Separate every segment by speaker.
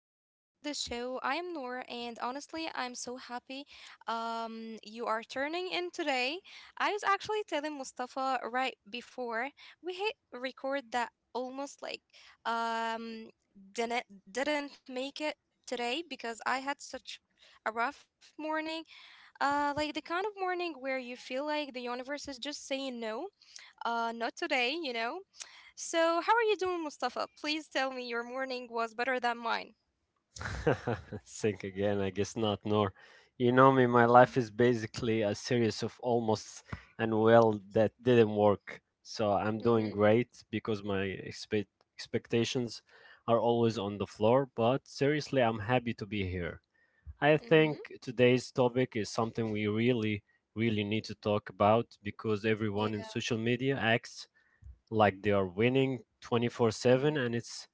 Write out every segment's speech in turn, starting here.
Speaker 1: Welcome back to the show. I am Noor, and honestly, I'm so happy you are turning in today. I was actually telling Mustafa right before we hit record that almost like um, didn't didn't make it today because I had such a rough morning. Like the kind of morning where you feel like the universe is just saying no. Not today. So, how are you doing, Mustafa? Please tell me your morning was better than mine.
Speaker 2: Think again, I guess not, Nor. You know me, my
Speaker 1: Mhm,
Speaker 2: life is basically a series of almost and well that didn't work. So I'm doing
Speaker 1: mhm,
Speaker 2: great because my expectations are always on the floor, but seriously, I'm happy to be here. I
Speaker 1: mhm.
Speaker 2: think today's topic is something we really, really need to talk about because everyone
Speaker 1: Yeah,
Speaker 2: in social media acts like they are winning 24/7,
Speaker 1: mhm.
Speaker 2: and it's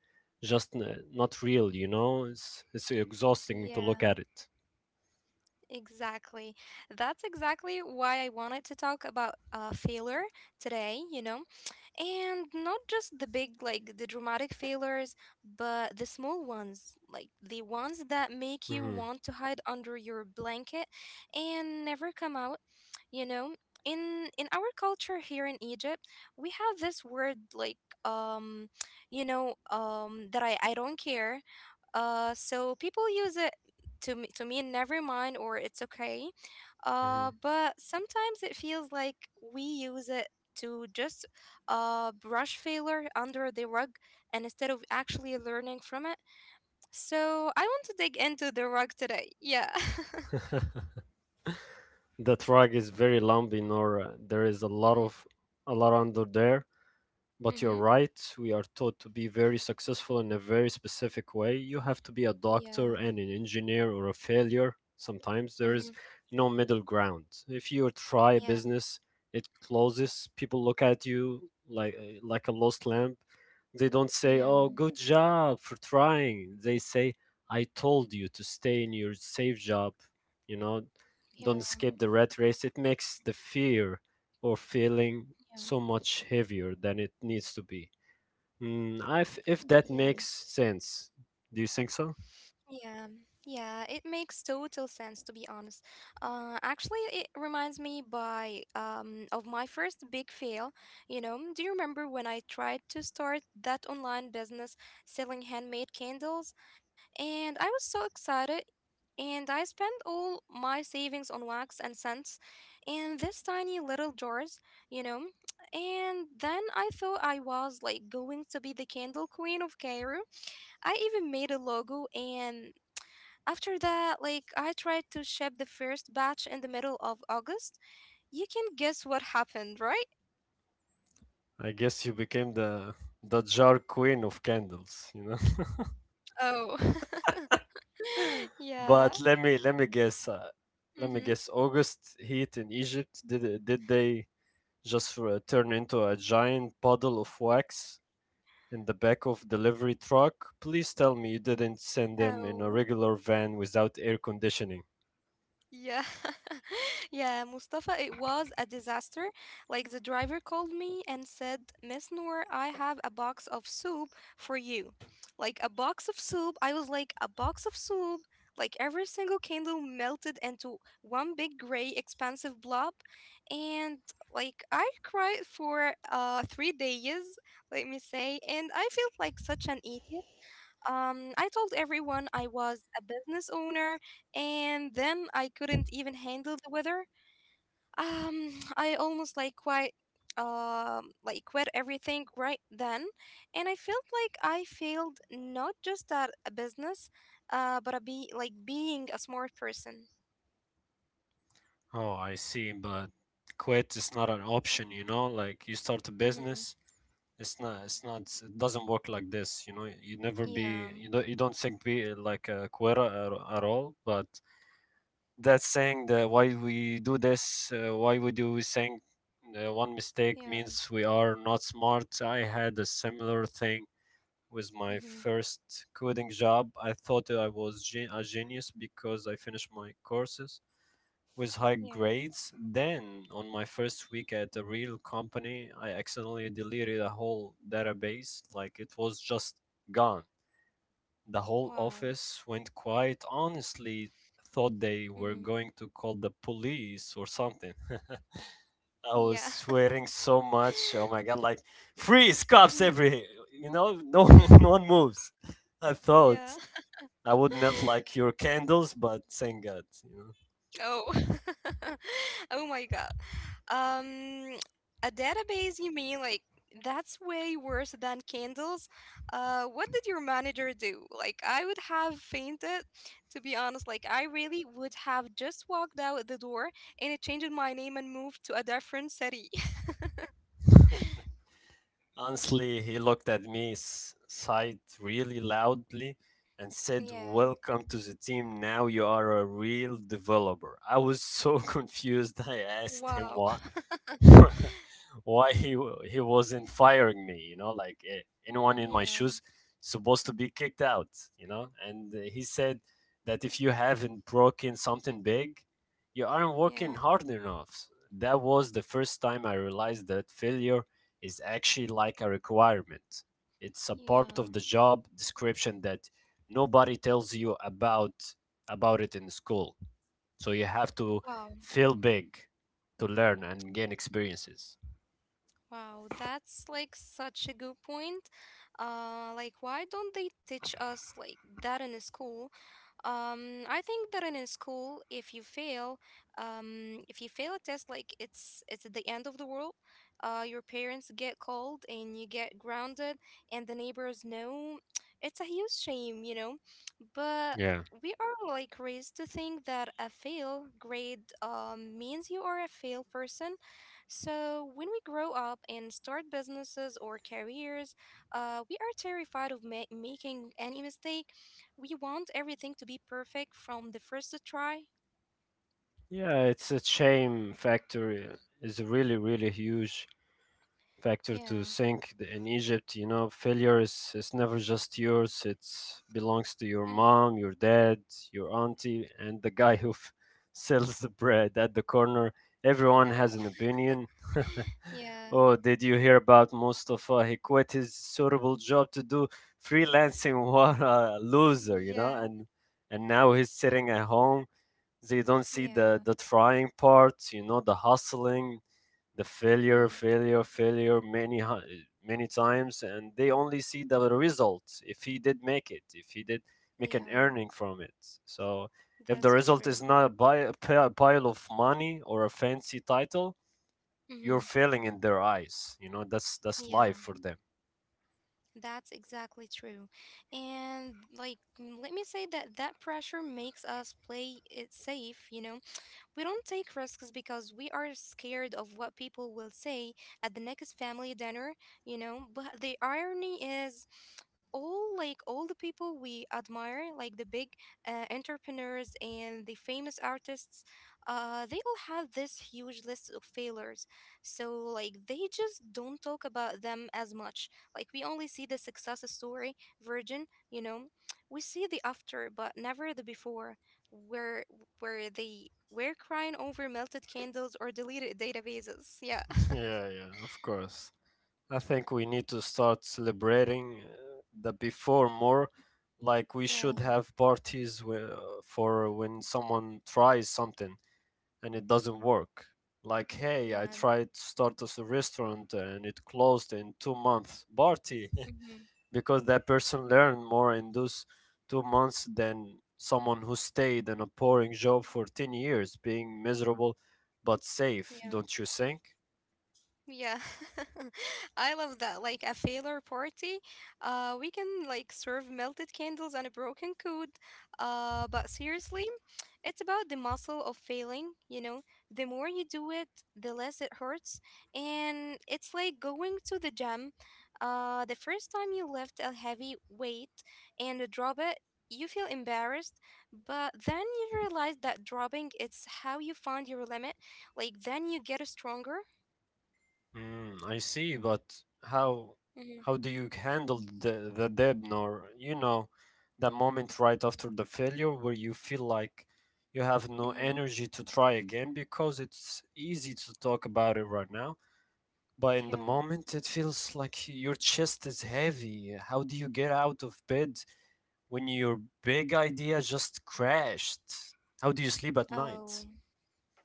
Speaker 2: just n- not real. You know, it's exhausting to
Speaker 1: Yeah,
Speaker 2: look at it.
Speaker 1: exactly. That's exactly why I wanted to talk about failure today. And not just the big like the dramatic failures but the small ones like the ones that make you
Speaker 2: Hmm
Speaker 1: want to hide under your blanket and never come out you know in our culture here in Egypt we have this word like um that I don't care, so people use it to mean never mind or it's okay,
Speaker 2: hmm.
Speaker 1: but sometimes it feels like we use it to just brush failure under the rug and instead of actually learning from it. So I want to dig into the rug today. Yeah.
Speaker 2: The track is very lumpy, Nora. There is a lot under there. But
Speaker 1: Mm-hmm.
Speaker 2: you're right, we are taught to be very successful in a very specific way. You have to be a doctor
Speaker 1: Yeah.
Speaker 2: and an engineer or a failure. Sometimes there
Speaker 1: Mm-hmm.
Speaker 2: is no middle ground. If you try a
Speaker 1: Yeah.
Speaker 2: business, it closes. People look at you like a lost lamb. They don't say,
Speaker 1: Yeah.
Speaker 2: "Oh, good job for trying." They say, "I told you to stay in your safe job." You know,
Speaker 1: Yeah.
Speaker 2: don't skip the rat race. It makes the fear or feeling
Speaker 1: Yeah.
Speaker 2: so much heavier than it needs to be. If that
Speaker 1: Yeah.
Speaker 2: makes sense, do you think so?
Speaker 1: Yeah, yeah, it makes total sense to be honest. Actually, it reminds me by of my first big fail. Do you remember when I tried to start that online business selling handmade candles, and I was so excited, and I spent all my savings on wax and scents, in this tiny little jars. You know, and then I thought I was like going to be the candle queen of Cairo. I even made a logo and after that like I tried to ship the first batch in the middle of August. You can guess what happened, right?
Speaker 2: I guess you became the jar queen of candles, you know.
Speaker 1: Oh. Yeah.
Speaker 2: But let me
Speaker 1: Mhm.
Speaker 2: guess. August heat in Egypt, did they just turn into a giant puddle of wax in the back of delivery truck? Please tell me you didn't send them in a
Speaker 1: Oh.
Speaker 2: regular van without air conditioning.
Speaker 1: Yeah, yeah, Mustafa, it was a disaster. Like the driver called me and said, "Miss Noor, I have a box of soup for you." Like a box of soup. I was like, a box of soup? Like every single candle melted into one big gray expansive blob. And like I cried for 3 days, let me say, and I felt like such an idiot. I told everyone I was a business owner, and then I couldn't even handle the weather. I almost like quit everything right then, and I felt like I failed not just at a business, but a be like being a smart person.
Speaker 2: Oh, I see, but quit is not an option, you know? Like, you start a
Speaker 1: Mm-hmm.
Speaker 2: business, it's not, it doesn't work like this, you know? You never be
Speaker 1: Yeah.
Speaker 2: you don't think be like a quitter at all, but that's saying that why we do this, why we do we think one mistake
Speaker 1: Yeah.
Speaker 2: means we are not smart. I had a similar thing with my
Speaker 1: Mm-hmm.
Speaker 2: first coding job. I thought I was a genius because I finished my courses with high
Speaker 1: Yeah.
Speaker 2: grades. Then, on my first week at a real company, I accidentally deleted a whole database. Like, it was just gone. The whole
Speaker 1: Wow.
Speaker 2: office went quiet. Honestly, thought they
Speaker 1: Mm-hmm.
Speaker 2: were going to call the police or something. I was
Speaker 1: Yeah.
Speaker 2: sweating so much. Oh my god! Like freeze, cops
Speaker 1: Mm,
Speaker 2: every. You know, no,
Speaker 1: yeah.
Speaker 2: no one moves. I thought
Speaker 1: Yeah.
Speaker 2: I would melt like your candles, but thank God. You know.
Speaker 1: Oh. Oh my God. Um, a database, you mean like that's way worse than candles. What did your manager do? Like, I would have fainted, to be honest. Like, I really would have just walked out the door and it changed my name and moved to a different city.
Speaker 2: Honestly, he looked at me, sighed really loudly, and said,
Speaker 1: Yeah.
Speaker 2: "Welcome to the team. Now you are a real developer." I was so confused. I asked him
Speaker 1: Wow.
Speaker 2: why. Why he wasn't firing me. You know, like, anyone in my
Speaker 1: Yeah.
Speaker 2: shoes supposed to be kicked out, you know. And he said that if you haven't broken something big, you aren't
Speaker 1: Yeah.
Speaker 2: working hard enough. That was the first time I realized that failure is actually like a requirement. It's a part of
Speaker 1: Yeah.
Speaker 2: the job description that nobody tells you about it in school, so you have to
Speaker 1: Wow.
Speaker 2: feel big to learn and gain experiences.
Speaker 1: Wow, that's like such a good point. Like, why don't they teach us like that in school? I think that in school, if you fail a test, like it's the end of the world. Your parents get called and you get grounded, and the neighbors know. It's a huge shame. But
Speaker 2: Yeah.
Speaker 1: we are like raised to think that a fail grade means you are a fail person. So when we grow up and start businesses or careers, we are terrified of making any mistake. We want everything to be perfect from the first try.
Speaker 2: Yeah, it's a shame factor. It's a really, really huge factor to
Speaker 1: Yeah.
Speaker 2: think in Egypt. You know, failure is never just yours. It belongs to your
Speaker 1: Hmm.
Speaker 2: mom, your dad, your auntie, and the guy who sells the bread at the corner. Everyone
Speaker 1: Oh,
Speaker 2: has an opinion.
Speaker 1: yeah.
Speaker 2: Oh, did you hear about Mustafa? He quit his suitable job to do freelancing. What a loser, you know?
Speaker 1: Yeah.
Speaker 2: And now he's sitting at home. They don't see
Speaker 1: Yeah.
Speaker 2: the trying part, you know, the hustling, the failure,
Speaker 1: Hmm.
Speaker 2: failure, failure many many times, and they only see the results. If he did make it, if he did make an
Speaker 1: Yeah.
Speaker 2: earning from it, so if the
Speaker 1: That's
Speaker 2: result
Speaker 1: true.
Speaker 2: is not a pile of money or a fancy title, you're
Speaker 1: Hmm.
Speaker 2: failing in their eyes. You know, that's life
Speaker 1: Yeah.
Speaker 2: for them.
Speaker 1: That's exactly true. And like, let me say that that pressure makes us play it safe, you know? We don't take risks because we are scared of what people will say at the next family dinner. But the irony is, all the people we admire, like the big entrepreneurs and the famous artists, they all have this huge list of failures. So like they just don't talk about them as much. Like we only see the success story, Virgin. We see the after, but never the before. Where where they were crying over melted candles or deleted databases. Yeah.
Speaker 2: Yeah, yeah, of course. I think we need to start celebrating the before more. Like, we should
Speaker 1: Yeah.
Speaker 2: have parties where, for when someone tries something and it doesn't work. Like, hey,
Speaker 1: Yeah.
Speaker 2: I tried to start as a restaurant and it closed in 2 months. Party.
Speaker 1: Hmm.
Speaker 2: Because that person learned more in those 2 months than someone who stayed in a boring job for 10 years, being miserable but safe,
Speaker 1: Yeah.
Speaker 2: don't you think?
Speaker 1: Yeah, I love that. Like a failure party, we can like serve melted candles and a broken code. But seriously, it's about the muscle of failing. The more you do it, the less it hurts. And it's like going to the gym. The first time you lift a heavy weight and drop it, you feel embarrassed. But then you realize that dropping it's how you find your limit. Like then you get stronger.
Speaker 2: I see, but how
Speaker 1: Mm-hmm.
Speaker 2: how do you handle the dip? Or, you know, that moment right after the failure where you feel like you have no
Speaker 1: Mm-hmm.
Speaker 2: energy to try again, because it's easy to talk about it right now? But in the
Speaker 1: Yeah.
Speaker 2: moment, it feels like your chest is heavy. How do you get out of bed when your big idea just crashed? How do you sleep at night?
Speaker 1: Oh,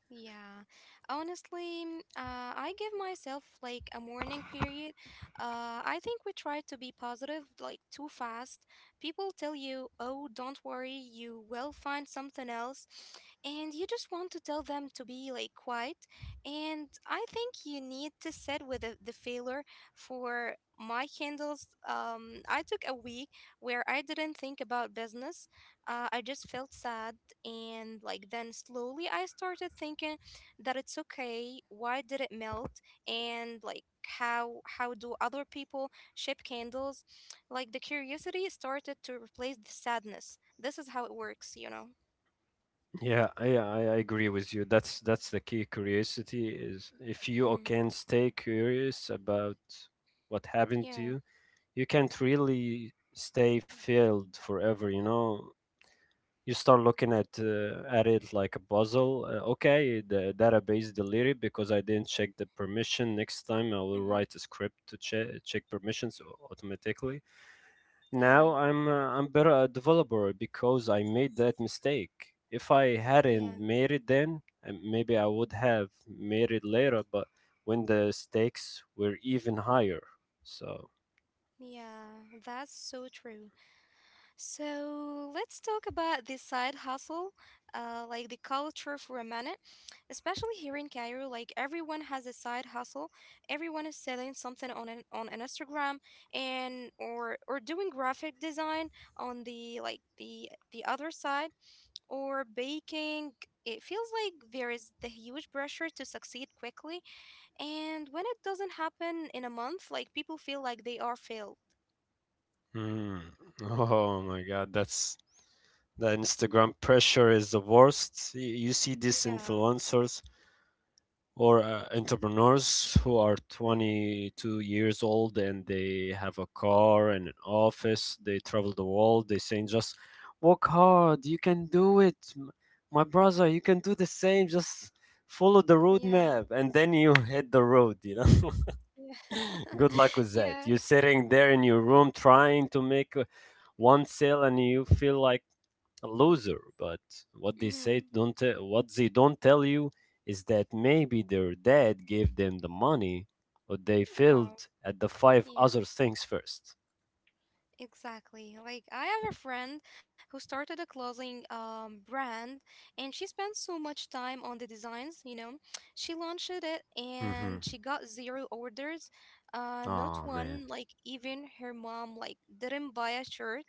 Speaker 1: yeah. Honestly, I give myself like a mourning period. I think we try to be positive like too fast. People tell you, "Oh, don't worry, you will find something else," and you just want to tell them to be like quiet. And I think you need to sit with the failure for. My candles, I took a week where I didn't think about business. I just felt sad and like then slowly I started thinking that it's okay. Why did it melt? And like how do other people ship candles? Like the curiosity started to replace the sadness. This is how it works.
Speaker 2: Yeah, I agree with you. That's the key. Curiosity is, if you
Speaker 1: Mhm.
Speaker 2: can stay curious about what happened to
Speaker 1: Yeah.
Speaker 2: you, you can't really stay filled forever. You know, you start looking at it like a puzzle. Okay, the database deleted because I didn't check the permission. Next time I will
Speaker 1: Hmm.
Speaker 2: write a script to check permissions automatically.
Speaker 1: Yeah.
Speaker 2: Now I'm better a developer because I made that mistake. If I
Speaker 1: Yeah.
Speaker 2: hadn't made it then, maybe I would have made it later. But when the stakes were even higher, so.
Speaker 1: Yeah. That's so true. So let's talk about this side hustle, like the culture for a minute. Especially here in Cairo, like everyone has a side hustle. Everyone is selling something on an Instagram and or doing graphic design on the like the other side or baking. It feels like there is the huge pressure to succeed quickly, and when it doesn't happen in a month, like people feel like they are failed.
Speaker 2: Mm. Oh my God, that's the Instagram pressure is the worst. You see these
Speaker 1: Yeah,
Speaker 2: influencers or entrepreneurs who are
Speaker 1: yeah,
Speaker 2: 22 years old and they have a car and an office. They travel the world. They saying just work hard. You can do it, my brother. You can do the same. Just follow the
Speaker 1: yeah,
Speaker 2: roadmap, and then you hit the road. You know.
Speaker 1: yeah.
Speaker 2: Good luck with that.
Speaker 1: Yeah.
Speaker 2: You're sitting there in your room trying to make one sale, and you feel like a loser. But what they
Speaker 1: Mm-hmm.
Speaker 2: say, don't te- what they don't tell you is that maybe their dad gave them the money, or they
Speaker 1: Wow.
Speaker 2: failed at the five
Speaker 1: Yeah,
Speaker 2: other things first.
Speaker 1: exactly. Like I have a friend who started a clothing brand and she spent so much time on the designs. She launched it and
Speaker 2: Mm-hmm.
Speaker 1: she got zero orders. Not
Speaker 2: Oh man.
Speaker 1: one, like even her mom like didn't buy a shirt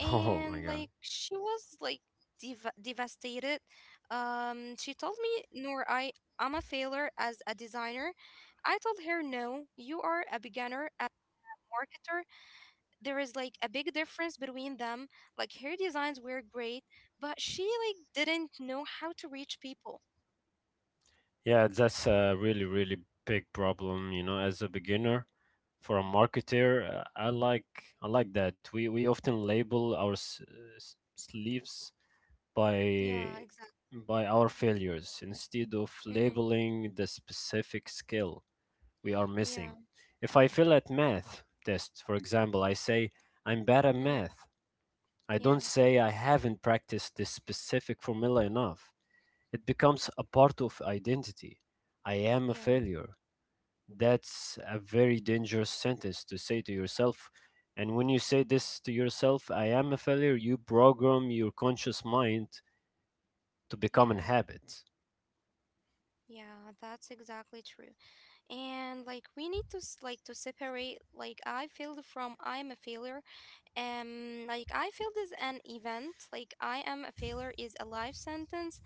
Speaker 2: Oh my
Speaker 1: and
Speaker 2: god.
Speaker 1: like she was like devastated. She told me, "Nor, I'm a failure as a designer." I told her, no, you are a beginner marketer, there is like a big difference between them. Like her designs were great, but she like didn't know how to reach people.
Speaker 2: Yeah, that's a really really big problem. You know, as a beginner, for a marketer, I like that. We often label our sleeves
Speaker 1: Yeah, exactly.
Speaker 2: by our failures instead of
Speaker 1: Mm-hmm.
Speaker 2: labeling the specific skill we are
Speaker 1: Yeah.
Speaker 2: missing. If I fail at math test, for example, I say I'm bad at
Speaker 1: Mm-hmm.
Speaker 2: math. I
Speaker 1: Yeah.
Speaker 2: don't say I haven't practiced this specific formula enough. It becomes a part of identity. I am a
Speaker 1: Yeah.
Speaker 2: failure. That's a very dangerous sentence to say to yourself. And when you say this to yourself, "I am a failure," you program your conscious mind to
Speaker 1: Yeah.
Speaker 2: become an habit.
Speaker 1: Yeah, that's exactly true. And like we need to like to separate like I failed from I'm a failure. Like I feel this an event, like I am a failure is a life sentence.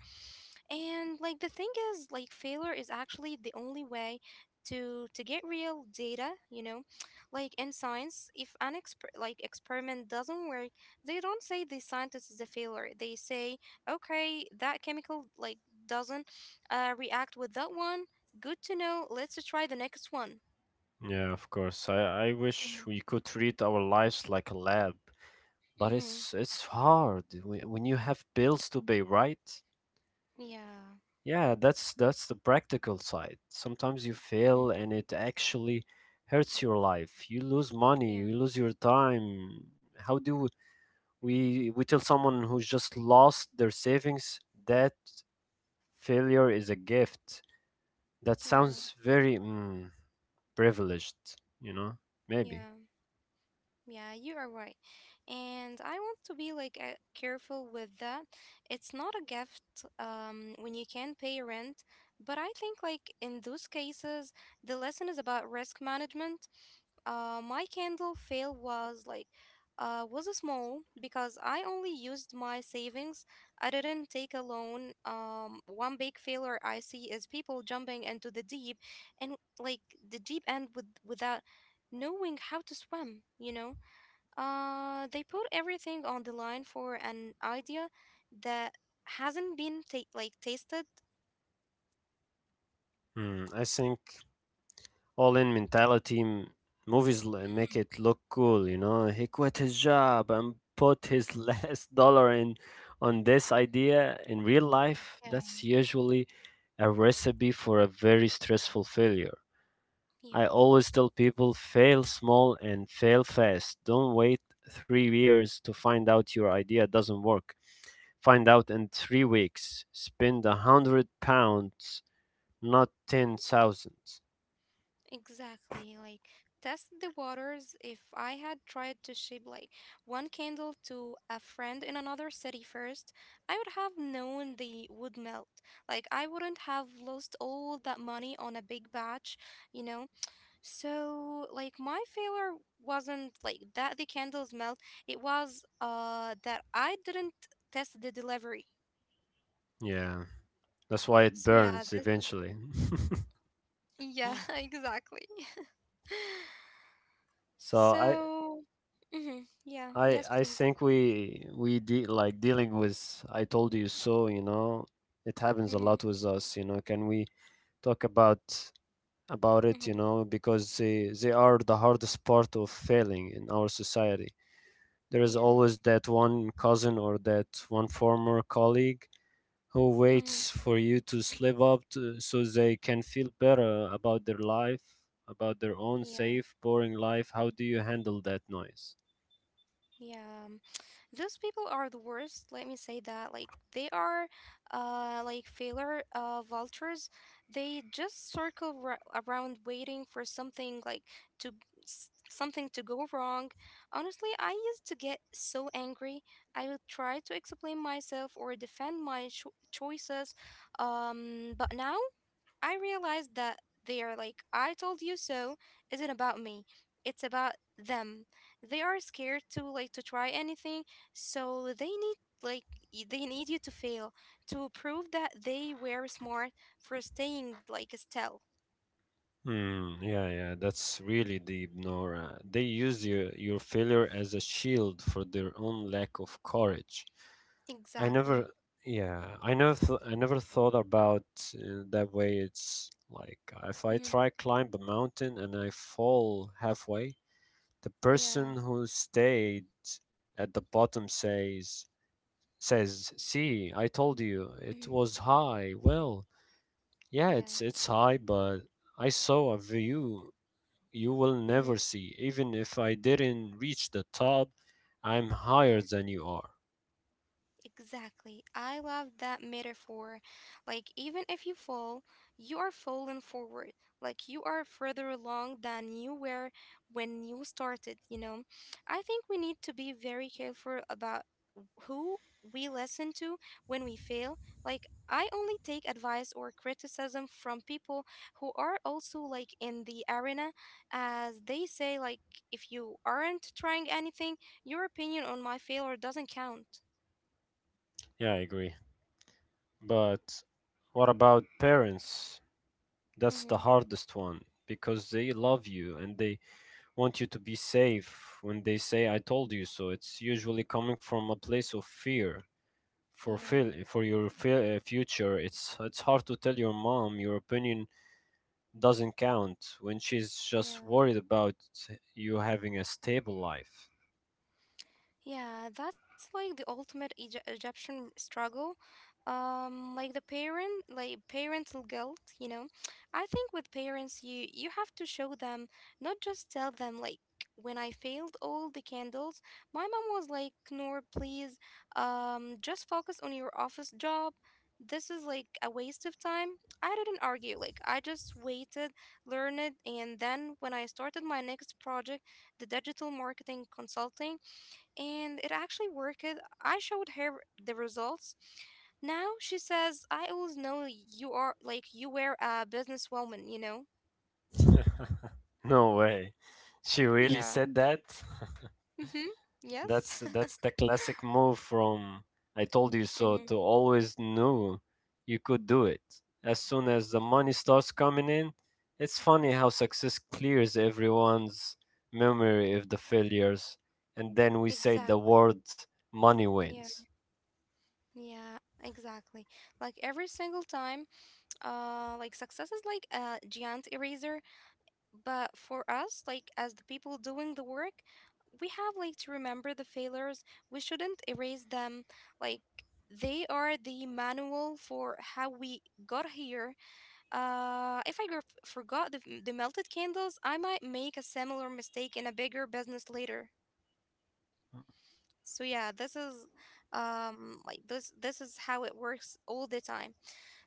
Speaker 1: And like the thing is like failure is actually the only way to get real data. Like in science if an experiment doesn't work they don't say the scientist is a failure. They say okay, that chemical like doesn't react with that one. Good to know, let's try the next one.
Speaker 2: Yeah, of course. I wish
Speaker 1: Mhm.
Speaker 2: we could treat our lives like a lab, but
Speaker 1: Mhm.
Speaker 2: it's hard when you have bills to pay, right?
Speaker 1: Yeah.
Speaker 2: Yeah, that's the practical side. Sometimes you
Speaker 1: Mhm.
Speaker 2: fail and it actually hurts your life. You lose money,
Speaker 1: Yeah.
Speaker 2: you lose your time. How do we tell someone who's just lost their savings that failure is a gift? That
Speaker 1: Yeah.
Speaker 2: sounds very privileged, you know? Maybe.
Speaker 1: Yeah. Yeah, you are right. And I want to be like careful with that. It's not a gift when you can pay rent, but I think like in those cases the lesson is about risk management. My candle fail was like was a small because I only used my savings. I didn't take a loan. One big failure I see is people jumping into and like the deep end without knowing how to swim, you know? They put everything on the line for an idea that hasn't been tasted.
Speaker 2: Hmm, I think all in mentality movies make it look cool. You know, he quit his job and put his last dollar in on this idea. In real life,
Speaker 1: Yeah.
Speaker 2: that's usually a recipe for a very stressful failure.
Speaker 1: Yeah,
Speaker 2: I always tell people, fail small and fail fast. Don't wait 3 years to find out your idea doesn't work. Find out in 3 weeks. Spend a £100, not 10,000.
Speaker 1: exactly. Like test the waters. If I had tried to ship like one candle to a friend in another city first, I would have known they would melt. Like I wouldn't have lost all that money on a big batch, you know? So, like, my failure wasn't like that the candles melt. It was that I didn't test the delivery.
Speaker 2: Yeah. That's why it
Speaker 1: So yeah,
Speaker 2: burns
Speaker 1: this is
Speaker 2: eventually.
Speaker 1: yeah, exactly.
Speaker 2: So I
Speaker 1: So, mhm, yeah,
Speaker 2: I
Speaker 1: yes,
Speaker 2: I
Speaker 1: please.
Speaker 2: think we de like dealing with "I told you so," you know, it happens a
Speaker 1: Mhm,
Speaker 2: lot with us, you know. Can we talk about it, you
Speaker 1: mhm,
Speaker 2: know, because they are the hardest part of failing in our society. There is
Speaker 1: yeah,
Speaker 2: always that one cousin or that one former colleague who
Speaker 1: mhm,
Speaker 2: waits for you to slip up so they can feel better about their life, about their own
Speaker 1: yeah,
Speaker 2: safe, boring life. How do you handle that noise?
Speaker 1: yeah. Those people are the worst. Let me say that. Like they are, like failure vultures. They just circle around, waiting for to something to go wrong. Honestly, I used to get so angry. I would try to explain myself or defend my choices. But now I realized that they are like, I told you so, isn't about me. It's about them. They are scared to like to try anything, so they need like you to fail to prove that they were smart for staying like Estelle.
Speaker 2: Hmm. Yeah, yeah, that's really deep, Nora. They use your failure as a shield for their own lack of courage. I
Speaker 1: Exactly.
Speaker 2: never, yeah, I never thought about that way. It's like, if I
Speaker 1: Mm-hmm.
Speaker 2: try climb a mountain and I fall halfway, the
Speaker 1: Yeah.
Speaker 2: person who stayed at the bottom says, "See, I told you
Speaker 1: Mm-hmm.
Speaker 2: it was high." Well, yeah,
Speaker 1: Yeah.
Speaker 2: it's high, but I saw a view you will
Speaker 1: Mm-hmm.
Speaker 2: never see. Even if I didn't reach the top, I'm
Speaker 1: Yeah.
Speaker 2: higher than you are.
Speaker 1: Exactly. I love that metaphor. Like, even if you fall, you are falling forward. Like, you are further along than you were when you started, you know? I think we need to be very careful about who we listen to when we fail. Like, I only take advice or criticism from people who are also, like, in the arena. As they say, like, if you aren't trying anything, your opinion on my failure doesn't count.
Speaker 2: Yeah, I agree. But what about parents? That's the
Speaker 1: Hmm.
Speaker 2: hardest one because they love you and they want you to be safe when they say I told you so. It's usually coming from a place of fear for fil-
Speaker 1: Yeah,
Speaker 2: for your fi- uh, future. It's hard to tell your mom your opinion doesn't count when she's just
Speaker 1: yeah.
Speaker 2: worried about you having a stable life.
Speaker 1: Yeah, that's like the ultimate Egyptian struggle. Like parental guilt. I think with parents, you have to show them, not just tell them like when I failed all the candles, my mom was like, "Noor, please, just focus on your office job. This is like a waste of time." I didn't argue. Like I just waited, learned, and then when I started my next project, the digital marketing consulting, and it actually worked. I showed her the results. Now she says, "I always know you are like you were a businesswoman, you know."
Speaker 2: No way. She really
Speaker 1: Yeah.
Speaker 2: said that?
Speaker 1: Mhm. Yes.
Speaker 2: That's the classic move from I told you so to
Speaker 1: Mhm.
Speaker 2: always knew you could do it. As soon as the money starts coming in, it's funny how success clears everyone's memory of the failures and then we say the
Speaker 1: Exactly.
Speaker 2: word money wins.
Speaker 1: Yeah. Yeah, exactly. Like every single time, like success is like a giant eraser. But for us, like as the people doing the work, we have like to remember the failures. We shouldn't erase them. Like they are the manual for how we got here. If I forgot the melted candles, I might make a similar mistake in a bigger business later. So yeah, this is how it works all the time.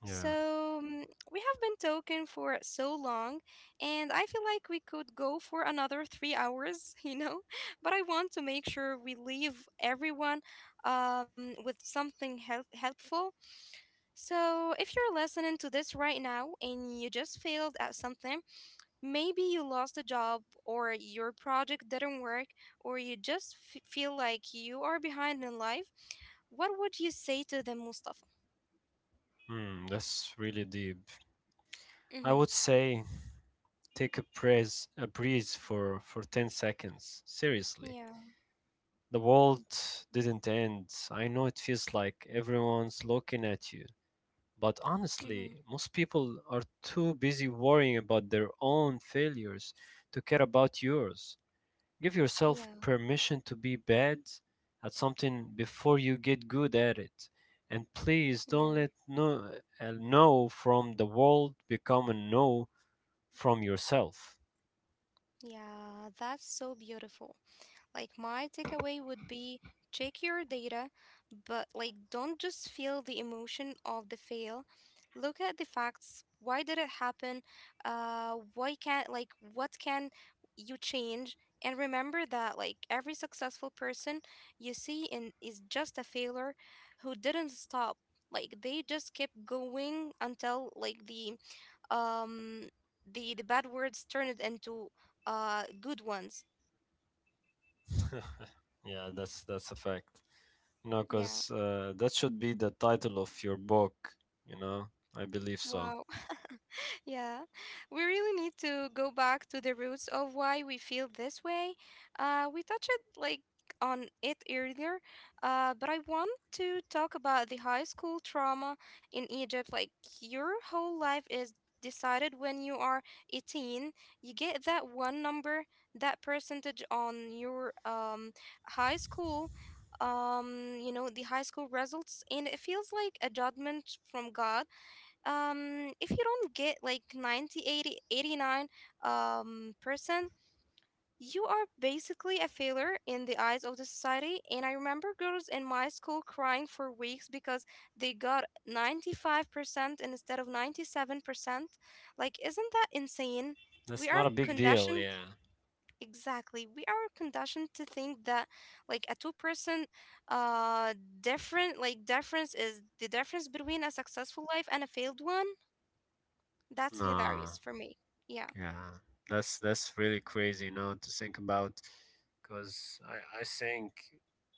Speaker 2: Yeah.
Speaker 1: we have been talking for so long, and I feel like we could go for another 3 hours, you know? But I want to make sure we leave everyone with something helpful. So, if you're listening to this right now and you just failed at something, maybe you lost a job, or your project didn't work, or you just feel like you are behind in life, what would you say to them, Mustafa?
Speaker 2: Hmm, that's really deep.
Speaker 1: Mm-hmm.
Speaker 2: I would say take a breeze for 10 seconds. Seriously.
Speaker 1: Yeah.
Speaker 2: The world didn't end. I know it feels like everyone's looking at you. But
Speaker 1: Mm-hmm.
Speaker 2: honestly, most people are too busy worrying about their own failures to care about yours. Give yourself
Speaker 1: Yeah.
Speaker 2: permission to be bad at something before you get good at it. And please
Speaker 1: Yeah,
Speaker 2: don't let a no from the world become a no from yourself.
Speaker 1: yeah, that's so beautiful. Like my takeaway would be check your data, but like don't just feel the emotion of the fail. Look at the facts. Why did it happen? Why can't like what can you change? And remember that like every successful person you see in is just a failure who didn't stop. Like they just kept going until like um the bad words turned into good ones.
Speaker 2: Yeah, that's a fact. No,
Speaker 1: Yeah.
Speaker 2: because that should be the title of your book, you know? I believe so.
Speaker 1: Wow. Yeah. We really need to go back to the roots of why we feel this way. We touched like on it earlier, but I want to talk about the high school trauma in Egypt. Like your whole life is decided when you are 18. You get that one number, that percentage on your high school results, and it feels like a judgment from God. If you don't get like 90, 80, 89 percent, you are basically a failure in the eyes of the society, and I remember girls in my school crying for weeks because they got 95% instead of 97%. Like, isn't that insane?
Speaker 2: That's
Speaker 1: We
Speaker 2: not a
Speaker 1: are
Speaker 2: big deal,
Speaker 1: conditioned.
Speaker 2: yeah.
Speaker 1: Exactly, we are conditioned to think that like a 2% uh different like difference is the difference between a successful life and a failed one. That's
Speaker 2: Nah,
Speaker 1: hilarious for me. Yeah.
Speaker 2: yeah. That's really crazy, you know, to think about. Because I think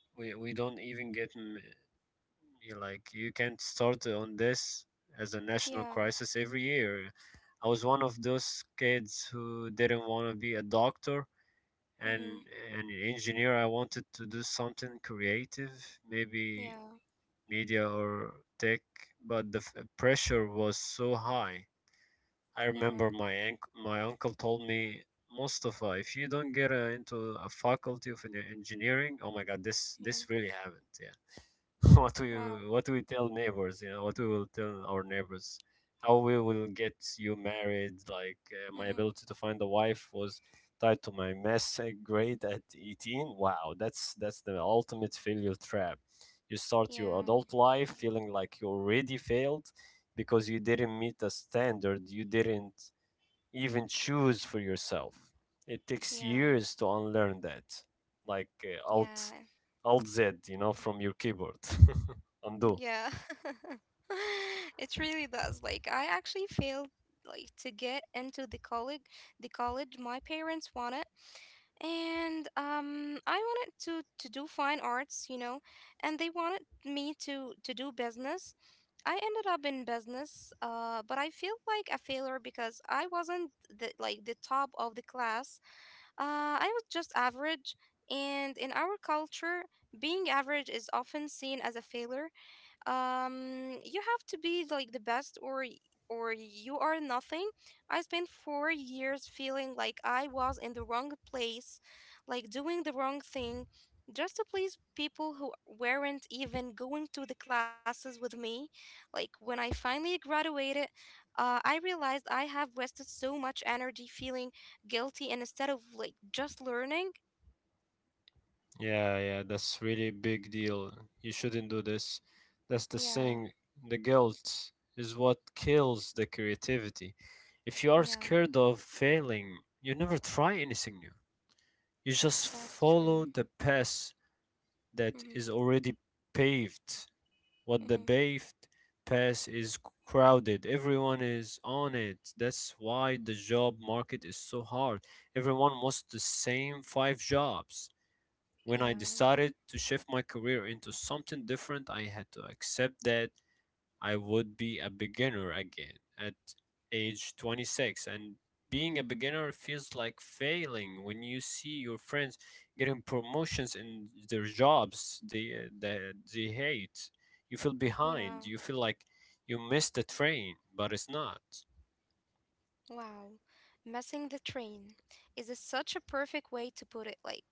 Speaker 2: we don't even get, you like, you can't start on this as a national
Speaker 1: Yeah.
Speaker 2: crisis every year. I was one of those kids who didn't want to be a doctor and
Speaker 1: Mhm.
Speaker 2: an engineer. I wanted to do something creative, maybe
Speaker 1: Yeah.
Speaker 2: media or tech, but the pressure was so high. I remember
Speaker 1: Yeah.
Speaker 2: my uncle told me, Mustafa, if you don't get into a faculty of engineering, oh my God, this
Speaker 1: Yeah.
Speaker 2: this really happened. Yeah, what we
Speaker 1: Wow.
Speaker 2: what we tell neighbors, you know, what we will tell our neighbors, how we will get you married. Like my
Speaker 1: Mhm.
Speaker 2: ability to find a wife was tied to my mess grade at 18. Wow, that's the ultimate failure trap. You start your
Speaker 1: Yeah.
Speaker 2: adult life feeling like you already failed because you didn't meet a standard you didn't even choose for yourself. It takes
Speaker 1: Yeah.
Speaker 2: years to unlearn that, like Alt
Speaker 1: Yeah.
Speaker 2: Alt Z, you know, from your keyboard. Undo.
Speaker 1: Yeah. It really does. Like I actually failed like to get into the college my parents wanted. And I wanted to do fine arts, and they wanted me to do business. I ended up in business, but I feel like a failure because I wasn't the top of the class. I was just average, and in our culture, being average is often seen as a failure. You have to be like the best or or you are nothing. I spent 4 years feeling like I was in the wrong place, like doing the wrong thing, just to please people who weren't even going to the classes with me. Like, when I finally graduated, I realized I have wasted so much energy feeling guilty, and instead of like just learning.
Speaker 2: Yeah, that's really big deal. You shouldn't do this. That's the
Speaker 1: Yeah.
Speaker 2: thing. The guilt is what kills the creativity. If you are
Speaker 1: Yeah,
Speaker 2: scared of failing, you never try anything new. You just
Speaker 1: that's
Speaker 2: follow
Speaker 1: true.
Speaker 2: the path that
Speaker 1: Mm-hmm.
Speaker 2: is already paved. What the
Speaker 1: Mm-hmm.
Speaker 2: paved pass is crowded. Everyone is on it. That's why the job market is so hard. Everyone wants the same five jobs. When I
Speaker 1: Yeah,
Speaker 2: decided to shift my career into something different, I had to accept that I would be a beginner again at age 26. And being a beginner feels like failing when you see your friends getting promotions in their jobs they hate. You feel behind.
Speaker 1: yeah.
Speaker 2: You feel like you missed the train, but it's not.
Speaker 1: Wow, missing the train is such a perfect way to put it. Like,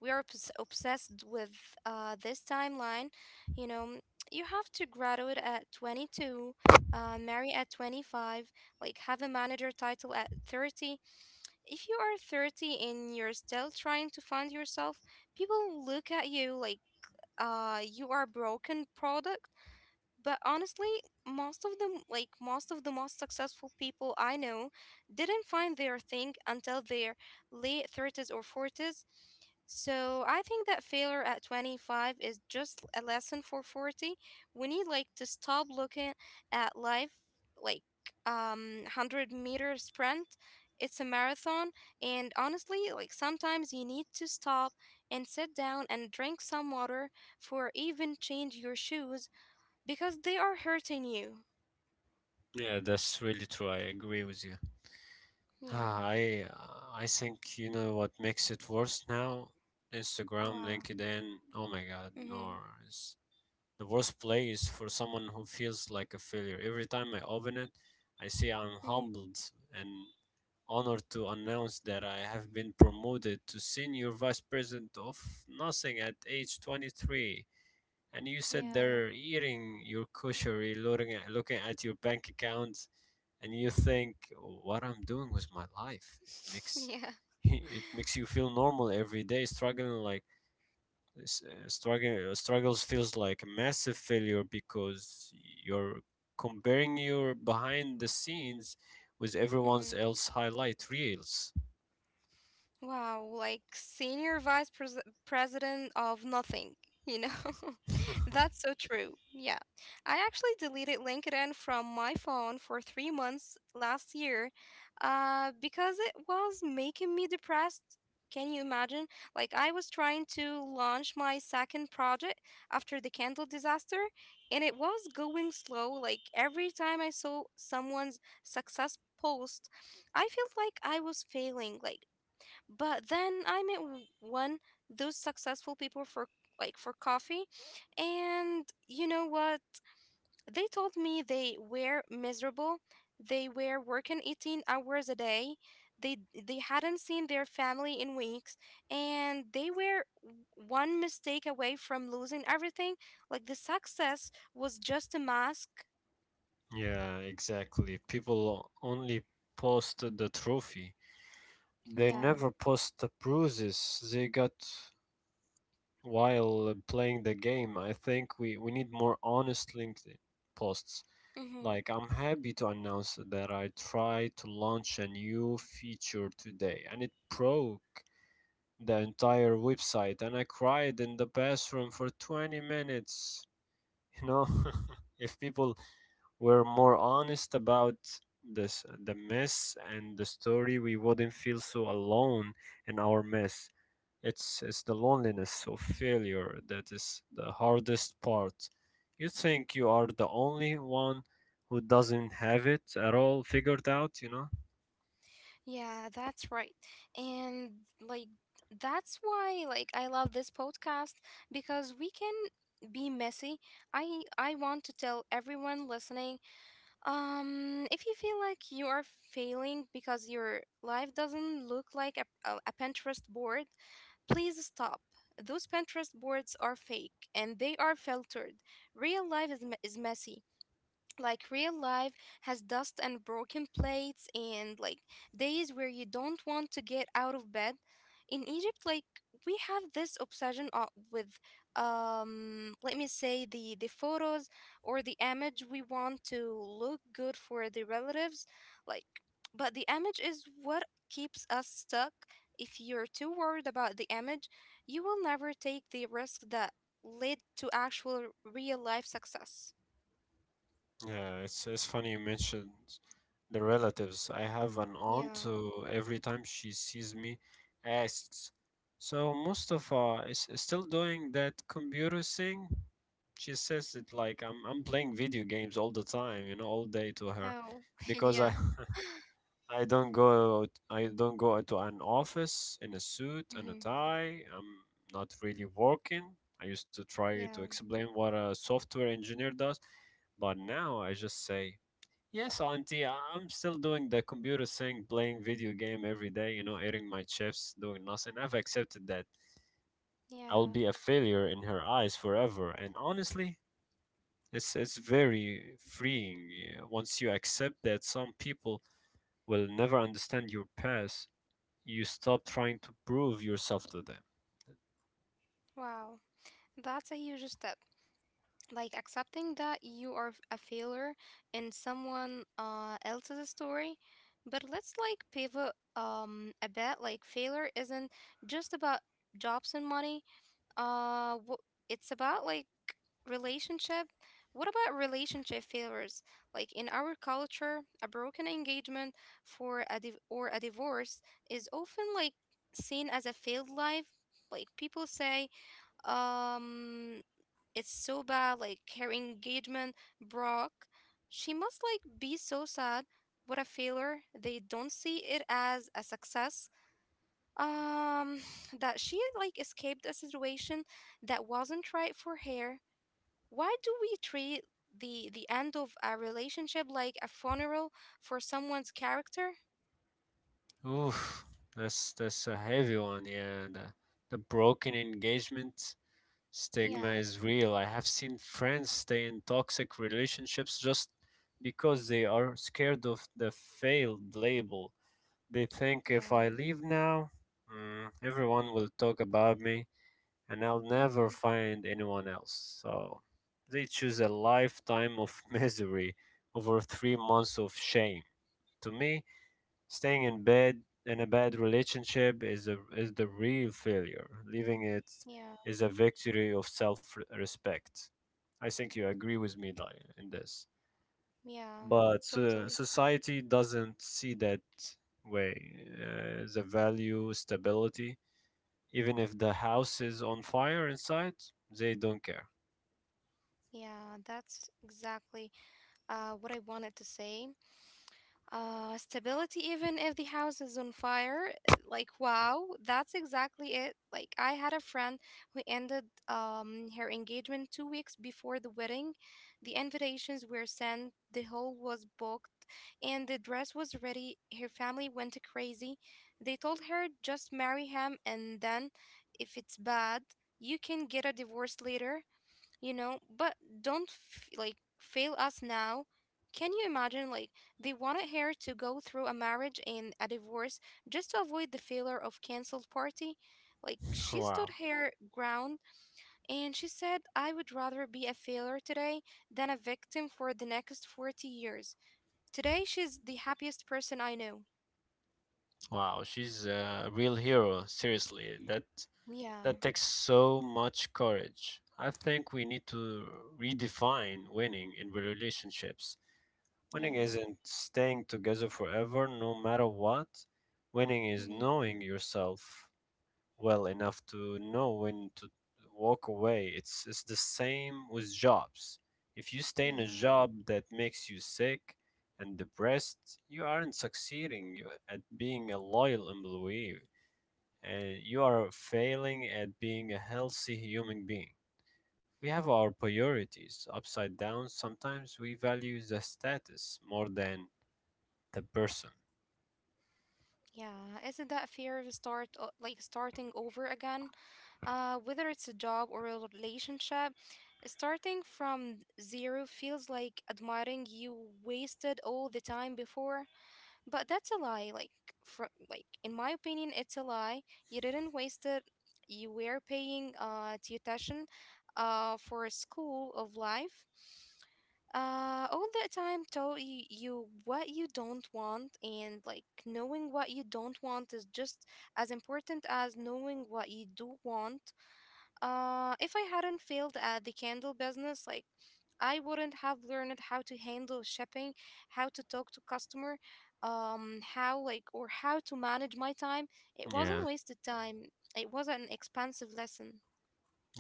Speaker 1: we are obsessed with this timeline. You know, you have to graduate at 22, marry at 25, like, have a manager title at 30. If you are 30 and you're still trying to find yourself, people look at you like you are broken product. But honestly, most of them, like most of the most successful people I know, didn't find their thing until their late 30s or 40s. So I think that failure at 25 is just a lesson for 40. We need like to stop looking at life like 100-meter sprint. It's a marathon, and honestly like sometimes you need to stop and sit down and drink some water for even change your shoes because they are hurting you.
Speaker 2: Yeah, that's really true. I agree with you. Ah,
Speaker 1: Yeah.
Speaker 2: I I think you know what makes it worse now. Instagram,
Speaker 1: Wow.
Speaker 2: LinkedIn. Oh my God, no,
Speaker 1: Mhm.
Speaker 2: the worst place for someone who feels like a failure. Every time I open it, I see I'm
Speaker 1: Mhm.
Speaker 2: humbled and honored to announce that I have been promoted to senior vice president of nothing at age 23. And you sit
Speaker 1: Yeah.
Speaker 2: there eating your cushery, looking at your bank account, and you think, "What I'm doing with my life?" It makes
Speaker 1: Yeah.
Speaker 2: it makes you feel normal every day, struggling like struggles feels like a massive failure because you're comparing your behind the scenes with everyone's
Speaker 1: Mhm.
Speaker 2: else highlight reels.
Speaker 1: Wow, like senior vice president of nothing, you know? That's so true. Yeah. I actually deleted LinkedIn from my phone for 3 months last year because it was making me depressed. Can you imagine? Like, I was trying to launch my second project after the candle disaster, and it was going slow. Like, every time I saw someone's success post, I felt like I was failing. Like, but then I met one those successful people for coffee, and you know what? They told me they were miserable. They were working 18 hours a day. They they hadn't seen their family in weeks, and they were one mistake away from losing everything. Like the success was just a mask.
Speaker 2: Yeah, exactly. People only post the trophy, they
Speaker 1: Yeah.
Speaker 2: never post the bruises they got while playing the game. I think we need more honest LinkedIn posts. Like, I'm happy to announce that I tried to launch a new feature today and it broke the entire website and I cried in the bathroom for 20 minutes. You know, if people were more honest about this the mess and the story, we wouldn't feel so alone in our mess. It's the loneliness of failure that is the hardest part. You think you are the only one who doesn't have it at all figured out, you know?
Speaker 1: Yeah, that's right. And like that's why like I love this podcast because we can be messy. I want to tell everyone listening, if you feel like you are failing because your life doesn't look like a Pinterest board, please stop. Those Pinterest boards are fake and they are filtered. Real life is messy. Like real life has dust and broken plates and like days where you don't want to get out of bed. In Egypt, like we have this obsession with let me say the photos or the image we want to look good for the relatives. Like, but the image is what keeps us stuck. If you're too worried about the image, you will never take the risk that led to actual real life success.
Speaker 2: Yeah, it's funny you mentioned the relatives. I have an aunt
Speaker 1: Yeah.
Speaker 2: who every time she sees me asks, "So Mustafa is still doing that computer thing?" She says it like I'm playing video games all the time, you know, all day to her,
Speaker 1: Oh,
Speaker 2: because
Speaker 1: yeah.
Speaker 2: I I don't go to an office in a suit and a
Speaker 1: Hmm.
Speaker 2: tie. I'm not really working. I used to try to
Speaker 1: Yeah.
Speaker 2: explain what a software engineer does, but now I just say, "Yes, auntie, I'm still doing the computer thing, playing video game every day, you know, eating my chips, doing nothing." I've accepted that I will
Speaker 1: Yeah.
Speaker 2: be a failure in her eyes forever, and honestly, it's very freeing, yeah, once you accept that some people will never understand your past you stop trying to prove yourself to them.
Speaker 1: Wow. That's a huge step. Like accepting that you are a failure in someone else's story. But let's like pivot a bit. Like failure isn't just about jobs and money. Uh, wh- it's about like relationship. What about relationship failures? Like in our culture, a broken engagement or a divorce is often like seen as a failed life. Like people say, um, it's so bad. Like her engagement broke. She must like be so sad. What a failure. They don't see it as a success. Um, that she like escaped a situation that wasn't right for her. Why do we treat the end of a relationship like a funeral for someone's character?
Speaker 2: Oof, that's a heavy one. Yeah, the broken engagement stigma
Speaker 1: Yeah,
Speaker 2: is real. I have seen friends stay in toxic relationships just because they are scared of the failed label. They think if I
Speaker 1: yeah.
Speaker 2: leave now, everyone will talk about me and I'll never
Speaker 1: Mm-hmm.
Speaker 2: find anyone else. So they choose a lifetime of misery over 3 months of shame. To me, staying in bed in a bad relationship is is the real failure. Leaving it
Speaker 1: Yeah,
Speaker 2: is a victory of self-respect. I think you agree with me Dai, in this.
Speaker 1: yeah.
Speaker 2: But
Speaker 1: Totally.
Speaker 2: society doesn't see that way. The value stability, even if the house is on fire inside, they don't care.
Speaker 1: Yeah, that's exactly what I wanted to say. Stability, even if the house is on fire. Like, wow, that's exactly it. Like, I had a friend who ended her engagement 2 weeks before the wedding. The invitations were sent, the hall was booked, and the dress was ready. Her family went crazy. They told her just marry him, and then if it's bad, you can get a divorce later, but don't fail us now. Can you imagine? Like, they wanted her to go through a marriage and a divorce just to avoid the failure of cancelled party. Like, she stood
Speaker 2: Wow.
Speaker 1: her ground, and she said, "I would rather be a failure today than a victim for the next 40 years." Today she's the happiest person I know.
Speaker 2: Wow, she's a real hero. Seriously,
Speaker 1: Yeah.
Speaker 2: that takes so much courage. I think we need to redefine winning in relationships. Winning
Speaker 1: Yeah.
Speaker 2: isn't staying together forever, no matter what. Winning is
Speaker 1: Hmm.
Speaker 2: knowing yourself well enough to know when to walk away. It's the same with jobs. If you stay in a
Speaker 1: Yeah.
Speaker 2: job that makes you sick and depressed, you aren't succeeding at being a loyal employee and you are failing at being a healthy human being. We have our priorities upside down. Sometimes we value the status more than the person.
Speaker 1: Yeah, isn't that fear of starting over again? Whether it's a job or a relationship, starting from zero feels like admitting you wasted all the time before, but that's a lie. Like, in my opinion, it's a lie. You didn't waste it. You were paying tuition, for a school of life. All that time taught you, what you don't want, and knowing what you don't want is just as important as knowing what you do want. If I hadn't failed at the candle business, I wouldn't have learned how to handle shipping, how to talk to customer, how like or how to manage my time. It wasn't
Speaker 2: Yeah,
Speaker 1: wasted time. It was an expensive lesson.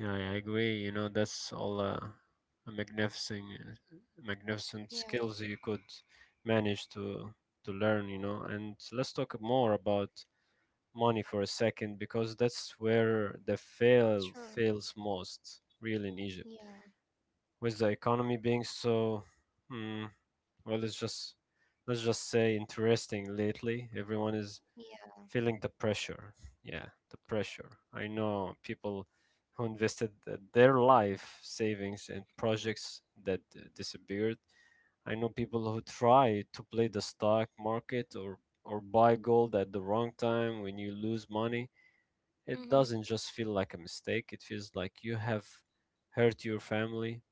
Speaker 2: yeah, I agree. You know, that's all a magnificent
Speaker 1: Yeah,
Speaker 2: skills you could manage to learn. You know, and let's talk more about money for a second because that's where the fail
Speaker 1: sure.
Speaker 2: fails most, really in Egypt.
Speaker 1: Yeah,
Speaker 2: With the economy being so mm, well let's just say interesting lately, everyone is
Speaker 1: yeah.
Speaker 2: feeling the pressure. Yeah, the pressure. I know people who invested their life savings in projects that disappeared. I know people who try to play the stock market or buy gold at the wrong time. When you lose money it
Speaker 1: Mm-hmm.
Speaker 2: doesn't just feel like a mistake, it feels like you have hurt your family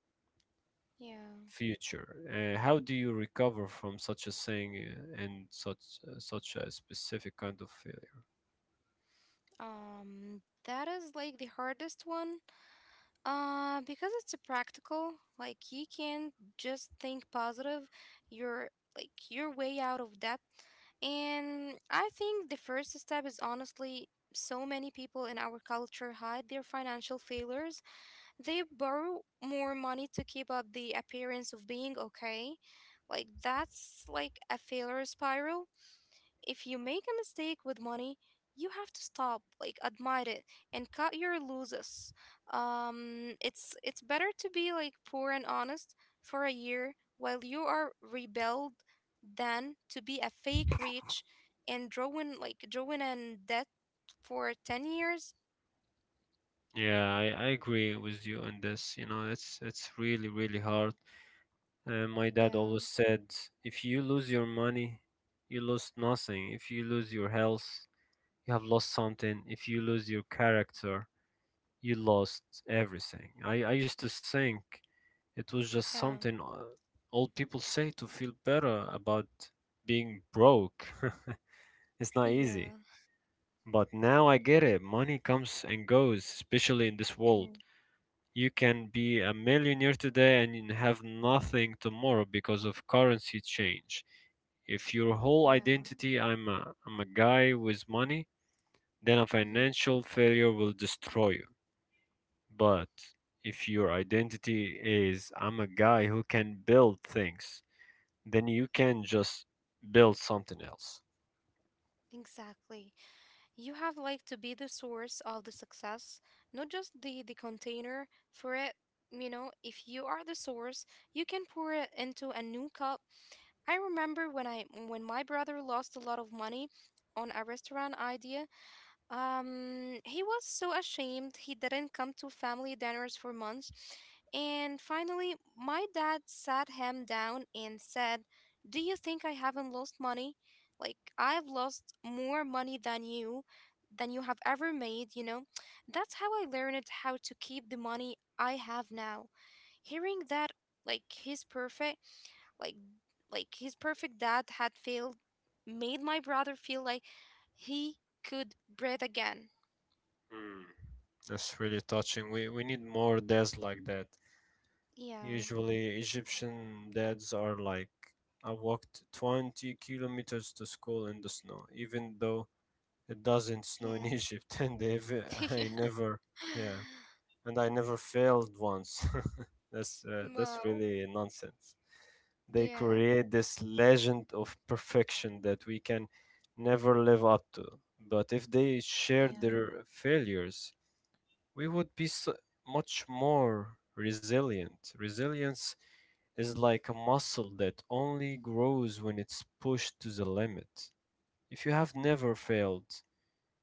Speaker 1: Yeah.
Speaker 2: future. How do you recover from such a thing and such a specific kind of failure?
Speaker 1: That is the hardest one. Because it's a practical, you can just think positive. You're you're way out of debt. And I think the first step is honestly so many people in our culture hide their financial failures. They borrow more money to keep up the appearance of being okay. That's like a failure spiral if you make a mistake with money, you have to stop, admit it, and cut your losses. It's better to be poor and honest for a year while you are rebuild than to be a fake rich and drawing in debt for 10 years.
Speaker 2: Yeah, I agree with you on this. You know, it's really really hard. My dad
Speaker 1: Yeah,
Speaker 2: always said, if you lose your money, you lost nothing. If you lose your health, you have lost something. If you lose your character, you lost everything. I used to think it was just
Speaker 1: yeah,
Speaker 2: something old people say to feel better about being broke. It's not easy.
Speaker 1: yeah,
Speaker 2: But now I get it. Money comes and goes, especially in this
Speaker 1: hmm,
Speaker 2: world. You can be a millionaire today and you have nothing tomorrow because of currency change. If your whole
Speaker 1: yeah,
Speaker 2: identity I'm a guy with money, then a
Speaker 1: hmm,
Speaker 2: financial failure will destroy you. But if your identity is I'm a guy who can build things, then you can just build something else.
Speaker 1: exactly. You have to be the source of the success, not just the container for it. You know, if you are the source, you can pour it into a new cup. I remember when my brother lost a lot of money on a restaurant idea. He was so ashamed he didn't come to family dinners for months. And finally, my dad sat him down and said, do you think I haven't lost money? Like, I've lost more money than you have ever made, you know? That's how I learned how to keep the money I have now. Hearing that, like his perfect, like like his perfect dad had failed, made my brother feel like he could breathe again.
Speaker 2: Mm, that's really touching. We need more dads like that.
Speaker 1: Yeah,
Speaker 2: Usually Egyptian dads are like, I walked 20 kilometers to school in the snow, even though it doesn't snow in
Speaker 1: yeah,
Speaker 2: Egypt, and if
Speaker 1: yeah.
Speaker 2: I never, yeah, and I never failed once. That's
Speaker 1: Wow,
Speaker 2: really nonsense. They
Speaker 1: yeah.
Speaker 2: create this legend of perfection that we can never live up to. But if they share
Speaker 1: Yeah.
Speaker 2: their failures, we would be so much more resilient. Resilience is like a muscle that only grows when it's pushed to the limit. If you have never failed,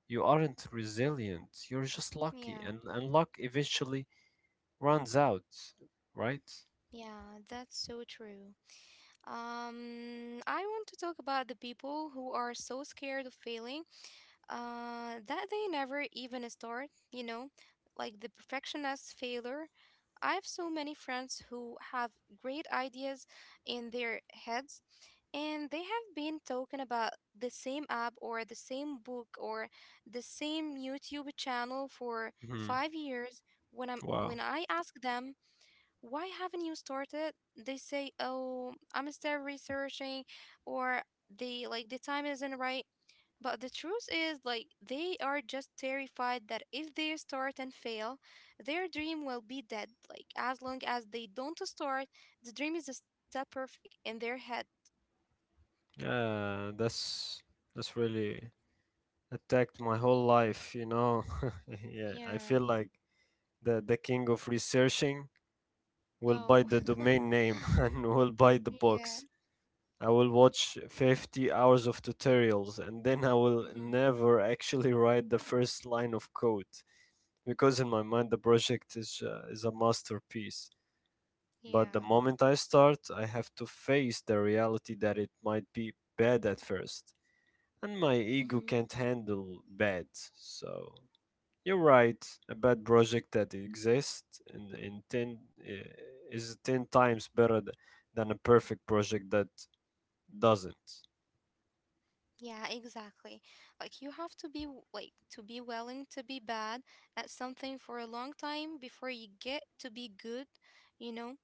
Speaker 2: you aren't resilient. You're just lucky,
Speaker 1: Yeah,
Speaker 2: and luck eventually runs out, right?
Speaker 1: yeah, that's so true. I want to talk about the people who are so scared of failing, that they never even start, you know, like the perfectionist failure. I have so many friends who have great ideas in their heads, and they have been talking about the same app or the same book or the same YouTube channel for
Speaker 2: Hmm.
Speaker 1: 5 years. When I'm
Speaker 2: Wow.
Speaker 1: when I ask them, why haven't you started? They say, oh, I'm still researching, or the time isn't right. But the truth is, like, they are just terrified that if they start and fail, their dream will be dead. Like, as long as they don't start, the dream is still perfect in their head.
Speaker 2: Yeah, that's really attacked my whole life. You know, yeah, I
Speaker 1: Yeah.
Speaker 2: feel like the king of researching. We'll buy
Speaker 1: Oh,
Speaker 2: the domain name and we'll buy the
Speaker 1: yeah.
Speaker 2: books. I will watch 50 hours of tutorials and then I will
Speaker 1: Hmm.
Speaker 2: never actually write the first line of code because in my mind the project is a masterpiece. But the
Speaker 1: Yeah.
Speaker 2: moment I start, I have to face the reality that it might be bad at first, and my ego can't handle bad. So you're right. A bad project that exists in 10 is 10 times better than a perfect project that doesn't.
Speaker 1: Yeah, exactly. Like you have to be willing to be bad at something for a long time before you get to be good, you know?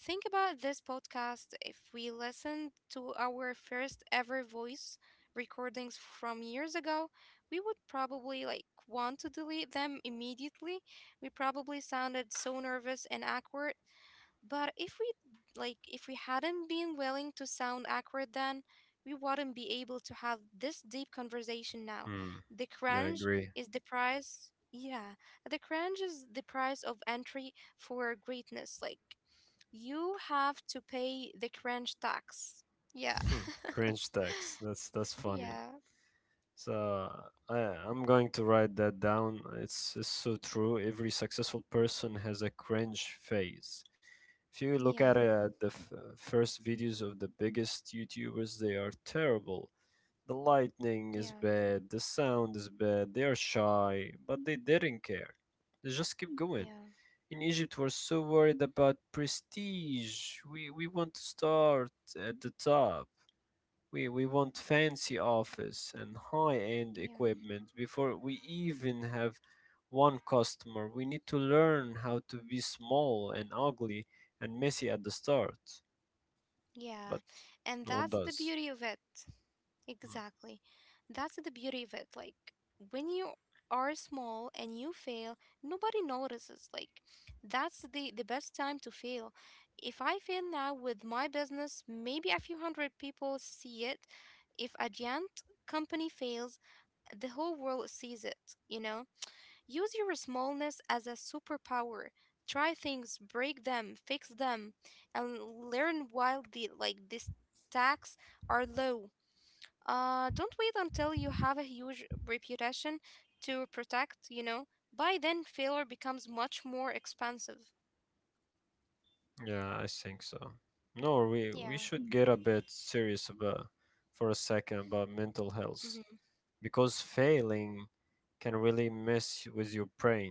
Speaker 1: Think about this podcast. If we listened to our first ever voice recordings from years ago, we would probably want to delete them immediately. We probably sounded so nervous and awkward. But if we hadn't been willing to sound awkward then, we wouldn't be able to have this deep conversation now.
Speaker 2: Hmm.
Speaker 1: The
Speaker 2: Yeah, I
Speaker 1: cringe
Speaker 2: agree.
Speaker 1: is the price. Yeah, the cringe is the price of entry for greatness. Like, you have to pay the cringe tax. Yeah.
Speaker 2: Cringe text. That's funny.
Speaker 1: Yeah,
Speaker 2: So I'm going to write that down. It's so true. Every successful person has a cringe phase. If you look at
Speaker 1: yeah,
Speaker 2: the first videos of the biggest YouTubers, they are terrible. The lighting
Speaker 1: yeah,
Speaker 2: is bad, the sound is bad, they are shy, but they didn't care. They just keep going.
Speaker 1: yeah,
Speaker 2: In Egypt, we're so worried about prestige. We want to start at the top. We want fancy office and high end
Speaker 1: yeah,
Speaker 2: equipment before we even have one customer. We need to learn how to be small and ugly and messy at the start, but
Speaker 1: yeah. And
Speaker 2: no one
Speaker 1: that's the
Speaker 2: does.
Speaker 1: beauty of it.
Speaker 2: Hmm.
Speaker 1: Exactly. That's the beauty of it. Like when you are small and you fail, nobody notices. Like that's the best time to fail. If I fail now with my business, maybe a few hundred people see it. If a giant company fails, the whole world sees it, you know? Use your smallness as a superpower. Try things, break them, fix them, and learn while the like the stacks are low. Don't wait until you have a huge reputation to protect, you know. By then, failure becomes much more expensive.
Speaker 2: Yeah, I think so. No, we
Speaker 1: Yeah.
Speaker 2: should get a bit serious about for a second about mental health
Speaker 1: Hmm.
Speaker 2: because failing can really mess with your brain.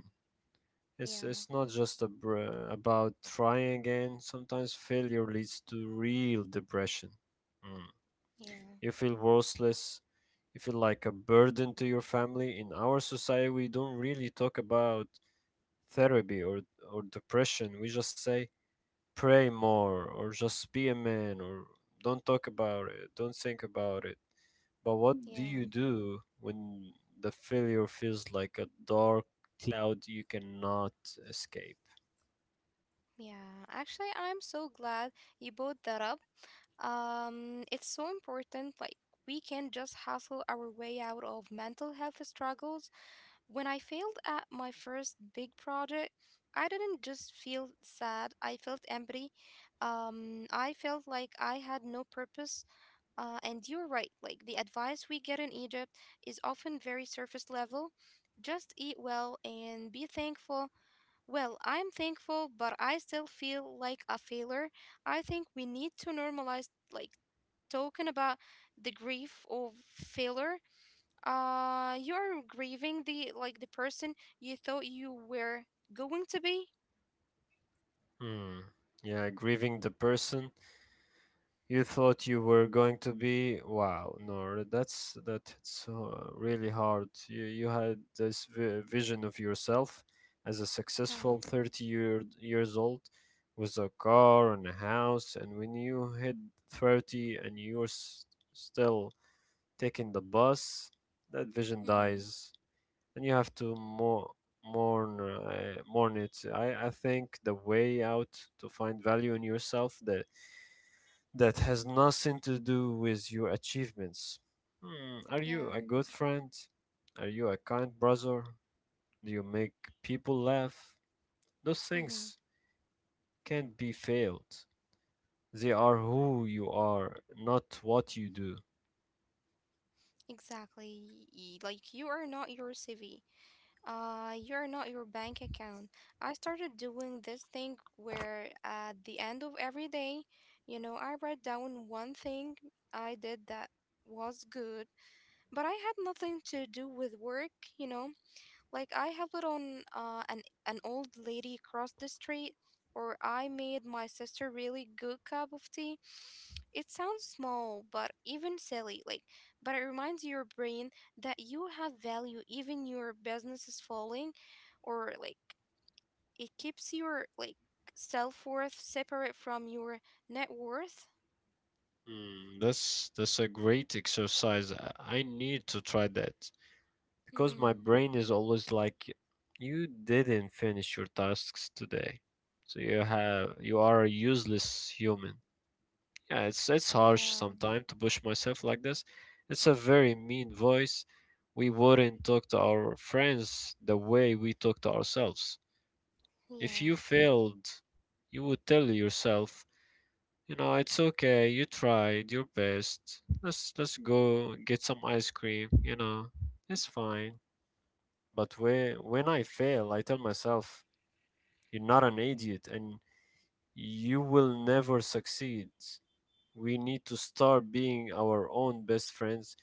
Speaker 2: It's
Speaker 1: Yeah.
Speaker 2: it's not just a about trying again. Sometimes failure leads to real depression. Mm.
Speaker 1: Yeah.
Speaker 2: You feel worthless. You feel like a burden to your family. In our society, we don't really talk about therapy or depression. We just say pray more or just be a man or don't talk about it, don't think about it. But what do you
Speaker 1: Yeah.
Speaker 2: do when the failure feels like a dark cloud you cannot escape?
Speaker 1: Yeah. Actually, I'm so glad you brought that up. It's so important. Like, we can just hustle our way out of mental health struggles. When I failed at my first big project, I didn't just feel sad, I felt empty. I felt like I had no purpose. And you're right, like the advice we get in Egypt is often very surface level. Just eat well and be thankful. Well, I'm thankful, but I still feel like a failure. I think we need to normalize, like, talking about the grief of failure. You are grieving the like the person you thought you were going to be.
Speaker 2: Hmm. Yeah, grieving the person you thought you were going to be. Wow, no, that's really hard. You had this vision of yourself as a successful
Speaker 1: Yeah.
Speaker 2: years old with a car and a house, and when you hit 30 and still taking the bus, that vision
Speaker 1: Mm-hmm.
Speaker 2: dies, and you have to more mourn, mourn it. I think the way out to find value in yourself the that has nothing to do with your achievements. Hmm, are you
Speaker 1: Yeah.
Speaker 2: a good friend? Are you a kind brother? Do you make people laugh? Those
Speaker 1: Mm-hmm.
Speaker 2: things can't be failed. They are who you are, not what you do.
Speaker 1: Exactly. You are not your cv, you are not your bank account. I started doing this thing where at the end of every day, you know, I write down one thing I did that was good, but I had nothing to do with work, you know. Like I helped on an old lady across the street, or I made my sister really good cup of tea. It sounds small, but even silly, like, but it reminds your brain that you have value, even your business is falling, or like it keeps your like self worth separate from your net worth.
Speaker 2: Hmm, that's a great exercise. I need to try that because
Speaker 1: Mm-hmm.
Speaker 2: my brain is always like, you didn't finish your tasks today, so you have you are a useless human. Yeah, it's harsh
Speaker 1: Yeah,
Speaker 2: sometimes to push myself like this. It's a very mean voice. We wouldn't talk to our friends the way we talk to ourselves. If
Speaker 1: yeah,
Speaker 2: you failed, you would tell yourself, you know, it's okay, you tried your best. Let's go get some ice cream, you know. It's fine. But when I fail, I tell myself, you're not an idiot and you will never succeed. We need to start being our own best friends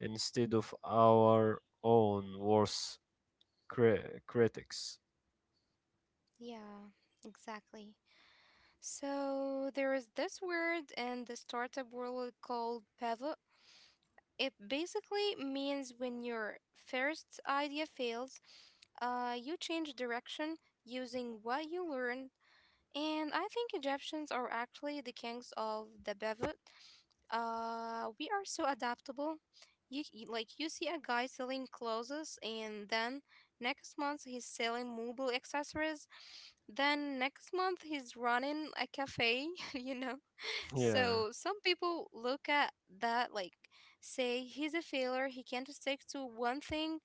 Speaker 2: instead of our own worst critics.
Speaker 1: yeah, exactly. So there is this word in the startup world called pivot. It basically means when your first idea fails, you change direction using what you learn. And I think Egyptians are actually the kings of the pivot. We are so adaptable. You see a guy selling clothes, and then next month he's selling mobile accessories. Then next month he's running a cafe. You know.
Speaker 2: Yeah,
Speaker 1: So some people look at that say he's a failure, he can't stick to one thing,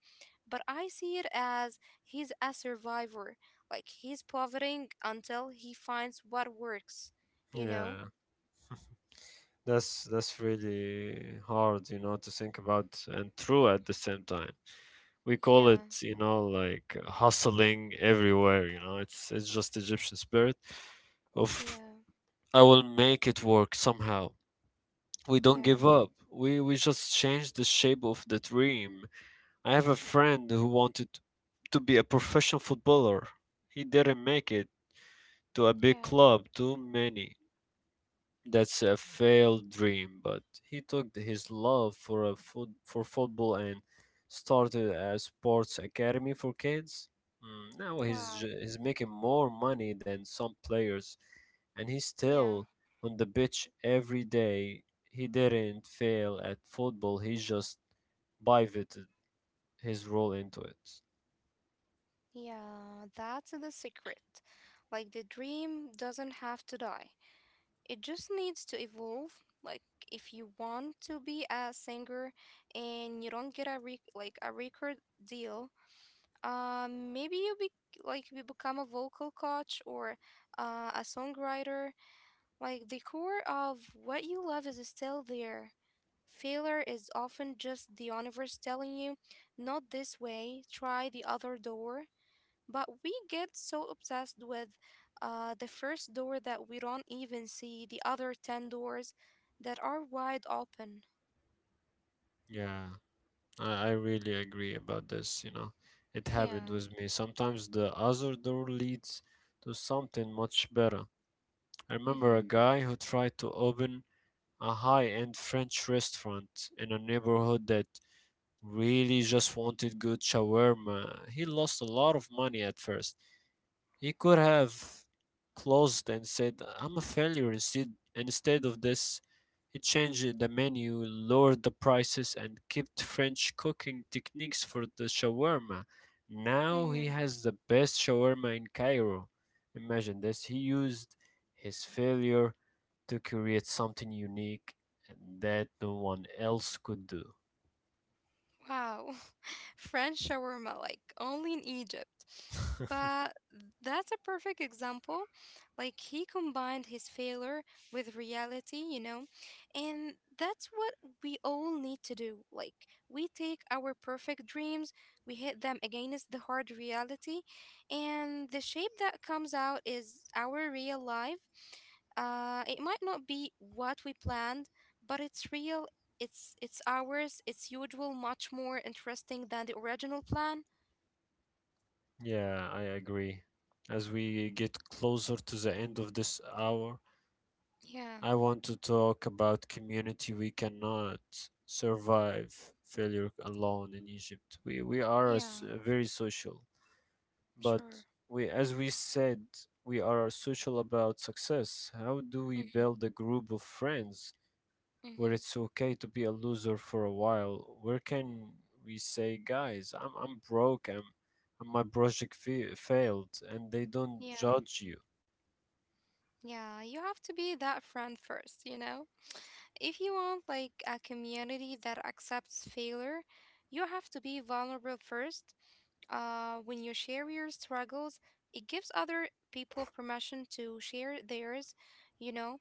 Speaker 1: but I see it as he's a survivor. Like he's pivoting until he finds what works, you know?
Speaker 2: yeah. That's really hard, you know, to think about and true at the same time. We call
Speaker 1: Yeah,
Speaker 2: it, you know, like hustling everywhere, you know. It's just Egyptian spirit of
Speaker 1: yeah,
Speaker 2: I will make it work somehow. We don't
Speaker 1: yeah,
Speaker 2: give up. We just change the shape of the dream. I have a friend who wanted to be a professional footballer. He didn't make it to a big
Speaker 1: yeah.
Speaker 2: club, too many. That's a failed dream, but he took his love for a foot, for football and started a sports academy for kids. Mm, now
Speaker 1: Wow.
Speaker 2: he's making more money than some players, and he's
Speaker 1: Yeah,
Speaker 2: still on the pitch every day. He didn't fail at football. He just pivoted his role into it.
Speaker 1: yeah. That's the secret. Like the dream doesn't have to die. It just needs to evolve. Like if you want to be a singer and you don't get a re- like a record deal, maybe you be like you become a vocal coach or a songwriter. Like the core of what you love is still there. Failure is often just the universe telling you, not this way, try the other door. But we get so obsessed with the first door that we don't even see the other 10 doors that are wide open.
Speaker 2: Yeah, I really agree about this. You know, it happened
Speaker 1: Yeah.
Speaker 2: with me. Sometimes the other door leads to something much better. I remember a guy who tried to open a high-end French restaurant in a neighborhood that really just wanted good shawarma. He lost a lot of money at first, he could have closed and said, I'm a failure instead of this. He changed the menu, lowered the prices, and kept French cooking techniques for the shawarma. Now he
Speaker 1: Mm-hmm.
Speaker 2: has the best shawarma in Cairo. Imagine this. He used his failure to create something unique that no one else could do.
Speaker 1: Wow, French shawarma, like only in Egypt. But that's a perfect example. Like he combined his failure with reality, you know? And that's what we all need to do. Like we take our perfect dreams, we hit them against the hard reality, and the shape that comes out is our real life. It might not be what we planned, but it's real it's ours, it's usual, much more interesting than the original plan.
Speaker 2: Yeah, I agree. As we get closer to the end of this hour,
Speaker 1: Yeah,
Speaker 2: I want to talk about community. We cannot survive failure alone in Egypt. We are a
Speaker 1: yeah,
Speaker 2: very social, but
Speaker 1: sure.
Speaker 2: we, as we said, we are social about success. How do we build a group of friends
Speaker 1: Mm-hmm.
Speaker 2: where it's okay to be a loser for a while? Where can we say, guys, I'm broke. I'm, and my project failed, and they don't
Speaker 1: Yeah,
Speaker 2: judge you.
Speaker 1: yeah, you have to be that friend first, you know? If you want like a community that accepts failure, you have to be vulnerable first. When you share your struggles, it gives other people permission to share theirs, you know?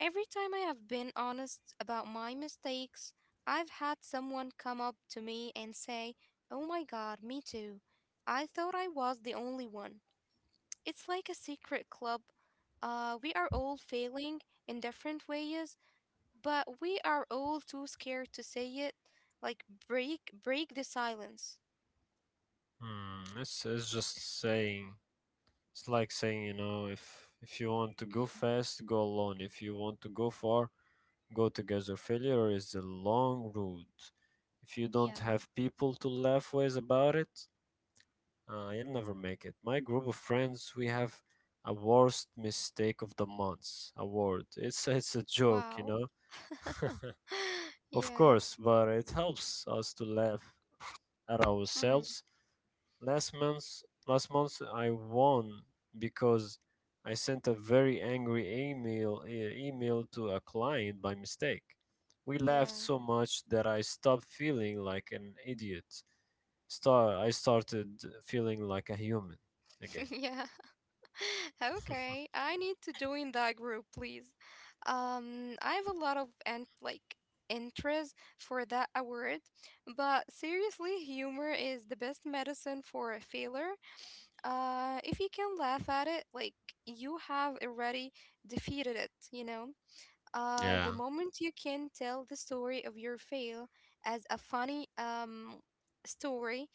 Speaker 1: Every time I have been honest about my mistakes, I've had someone come up to me and say, oh my god, me too. I thought I was the only one. It's like a secret club. We are all failing in different ways, but we are all too scared to say it. Like break the silence.
Speaker 2: Hmm, it's just saying. It's like saying, you know, if you want to go fast, go alone. If you want to go far, go together. Failure is a long road. If you don't
Speaker 1: Yeah.
Speaker 2: have people to laugh with about it, you'll never make it. My group of friends, we have a worst mistake of the month award. It's it's a joke, you
Speaker 1: Wow.
Speaker 2: know. Of
Speaker 1: Yeah.
Speaker 2: course, but it helps us to laugh at
Speaker 1: Hmm.
Speaker 2: ourselves. Last month I won because I sent a very angry email to a client by mistake. We laughed
Speaker 1: Yeah.
Speaker 2: so much that I stopped feeling like an idiot. I started feeling like a human again.
Speaker 1: Yeah. Okay, I need to join that group, please. I have a lot of and like interest for that award, but seriously, humor is the best medicine for a failure. If you can laugh at it, you have already defeated it, you know. The
Speaker 2: Yeah.
Speaker 1: moment you can tell the story of your fail as a funny story,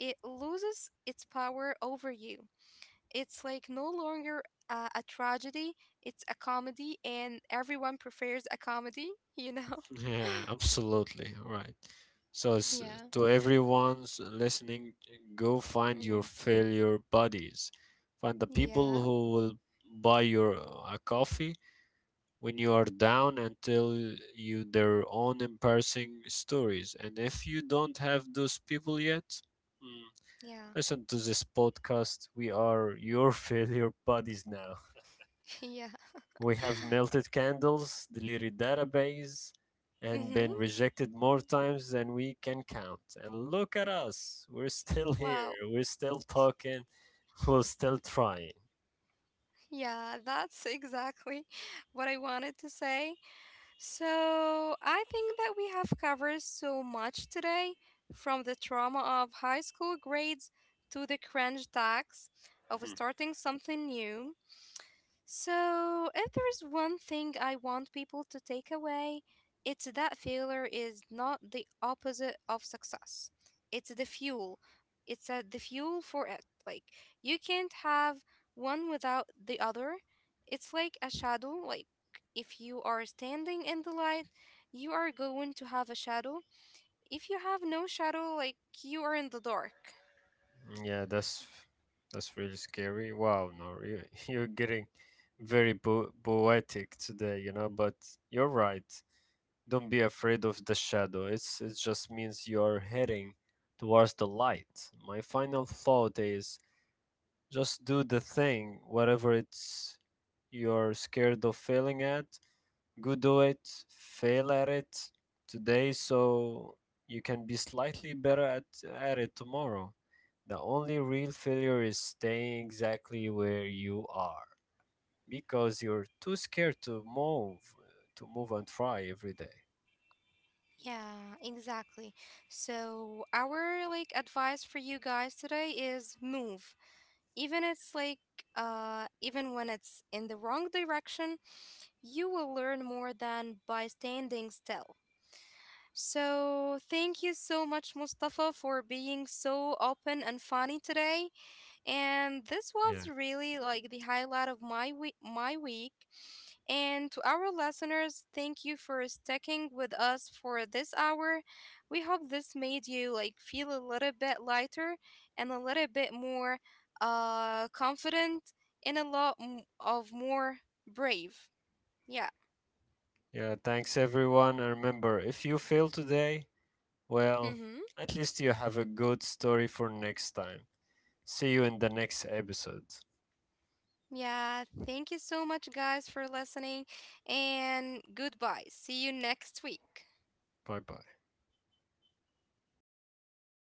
Speaker 1: it loses its power over you. It's no longer a tragedy, it's a comedy, and everyone prefers a comedy, you know?
Speaker 2: Yeah, absolutely right. So, s
Speaker 1: Yeah.
Speaker 2: to everyone's listening, go find your
Speaker 1: Hmm.
Speaker 2: failure buddies. Find the people
Speaker 1: Yeah.
Speaker 2: who will buy your a coffee when you are down and tell you their own embarrassing stories. And if you don't have those people yet, mm,
Speaker 1: Yeah.
Speaker 2: listen to this podcast. We are your failure buddies now.
Speaker 1: Yeah.
Speaker 2: We have melted candles, deleted database, and been
Speaker 1: Mm-hmm.
Speaker 2: rejected more times than we can count. And look at us. We're still here.
Speaker 1: Wow.
Speaker 2: We're still talking. We're still trying.
Speaker 1: Yeah, that's exactly what I wanted to say. So I think that we have covered so much today, from the trauma of high school grades to the cringe tax of
Speaker 2: Hmm.
Speaker 1: starting something new. So, if there is one thing I want people to take away, it's that failure is not the opposite of success. It's the fuel. It's the fuel for it. Like, you can't have one without the other. It's like a shadow. Like, if you are standing in the light, you are going to have a shadow. If you have no shadow, like, you are in the dark.
Speaker 2: Yeah, that's really scary. Wow, no, you, you're getting very poetic today, you know. But you're right. Don't be afraid of the shadow. It just means you're heading towards the light. My final thought is just do the thing, whatever it's you're scared of failing at. Go do it, fail at it today so you can be slightly better at it tomorrow. The only real failure is staying exactly where you are because you're too scared to move and try every day.
Speaker 1: Yeah, exactly. So our advice for you guys today is move. Even it's like Even when it's in the wrong direction, you will learn more than by standing still. So thank you so much Mustafa for being so open and funny today. And this was
Speaker 2: Yeah.
Speaker 1: really the highlight of my week my week And to our listeners, thank you for sticking with us for this hour. We hope this made you feel a little bit lighter and a little bit more confident and a lot m- of more brave. Yeah.
Speaker 2: Yeah, thanks everyone. And remember, if you fail today, well,
Speaker 1: Mhm.
Speaker 2: at least you have a good story for next time. See you in the next episode.
Speaker 1: Yeah, thank you so much guys for listening and goodbye. See you next week.
Speaker 2: Bye bye.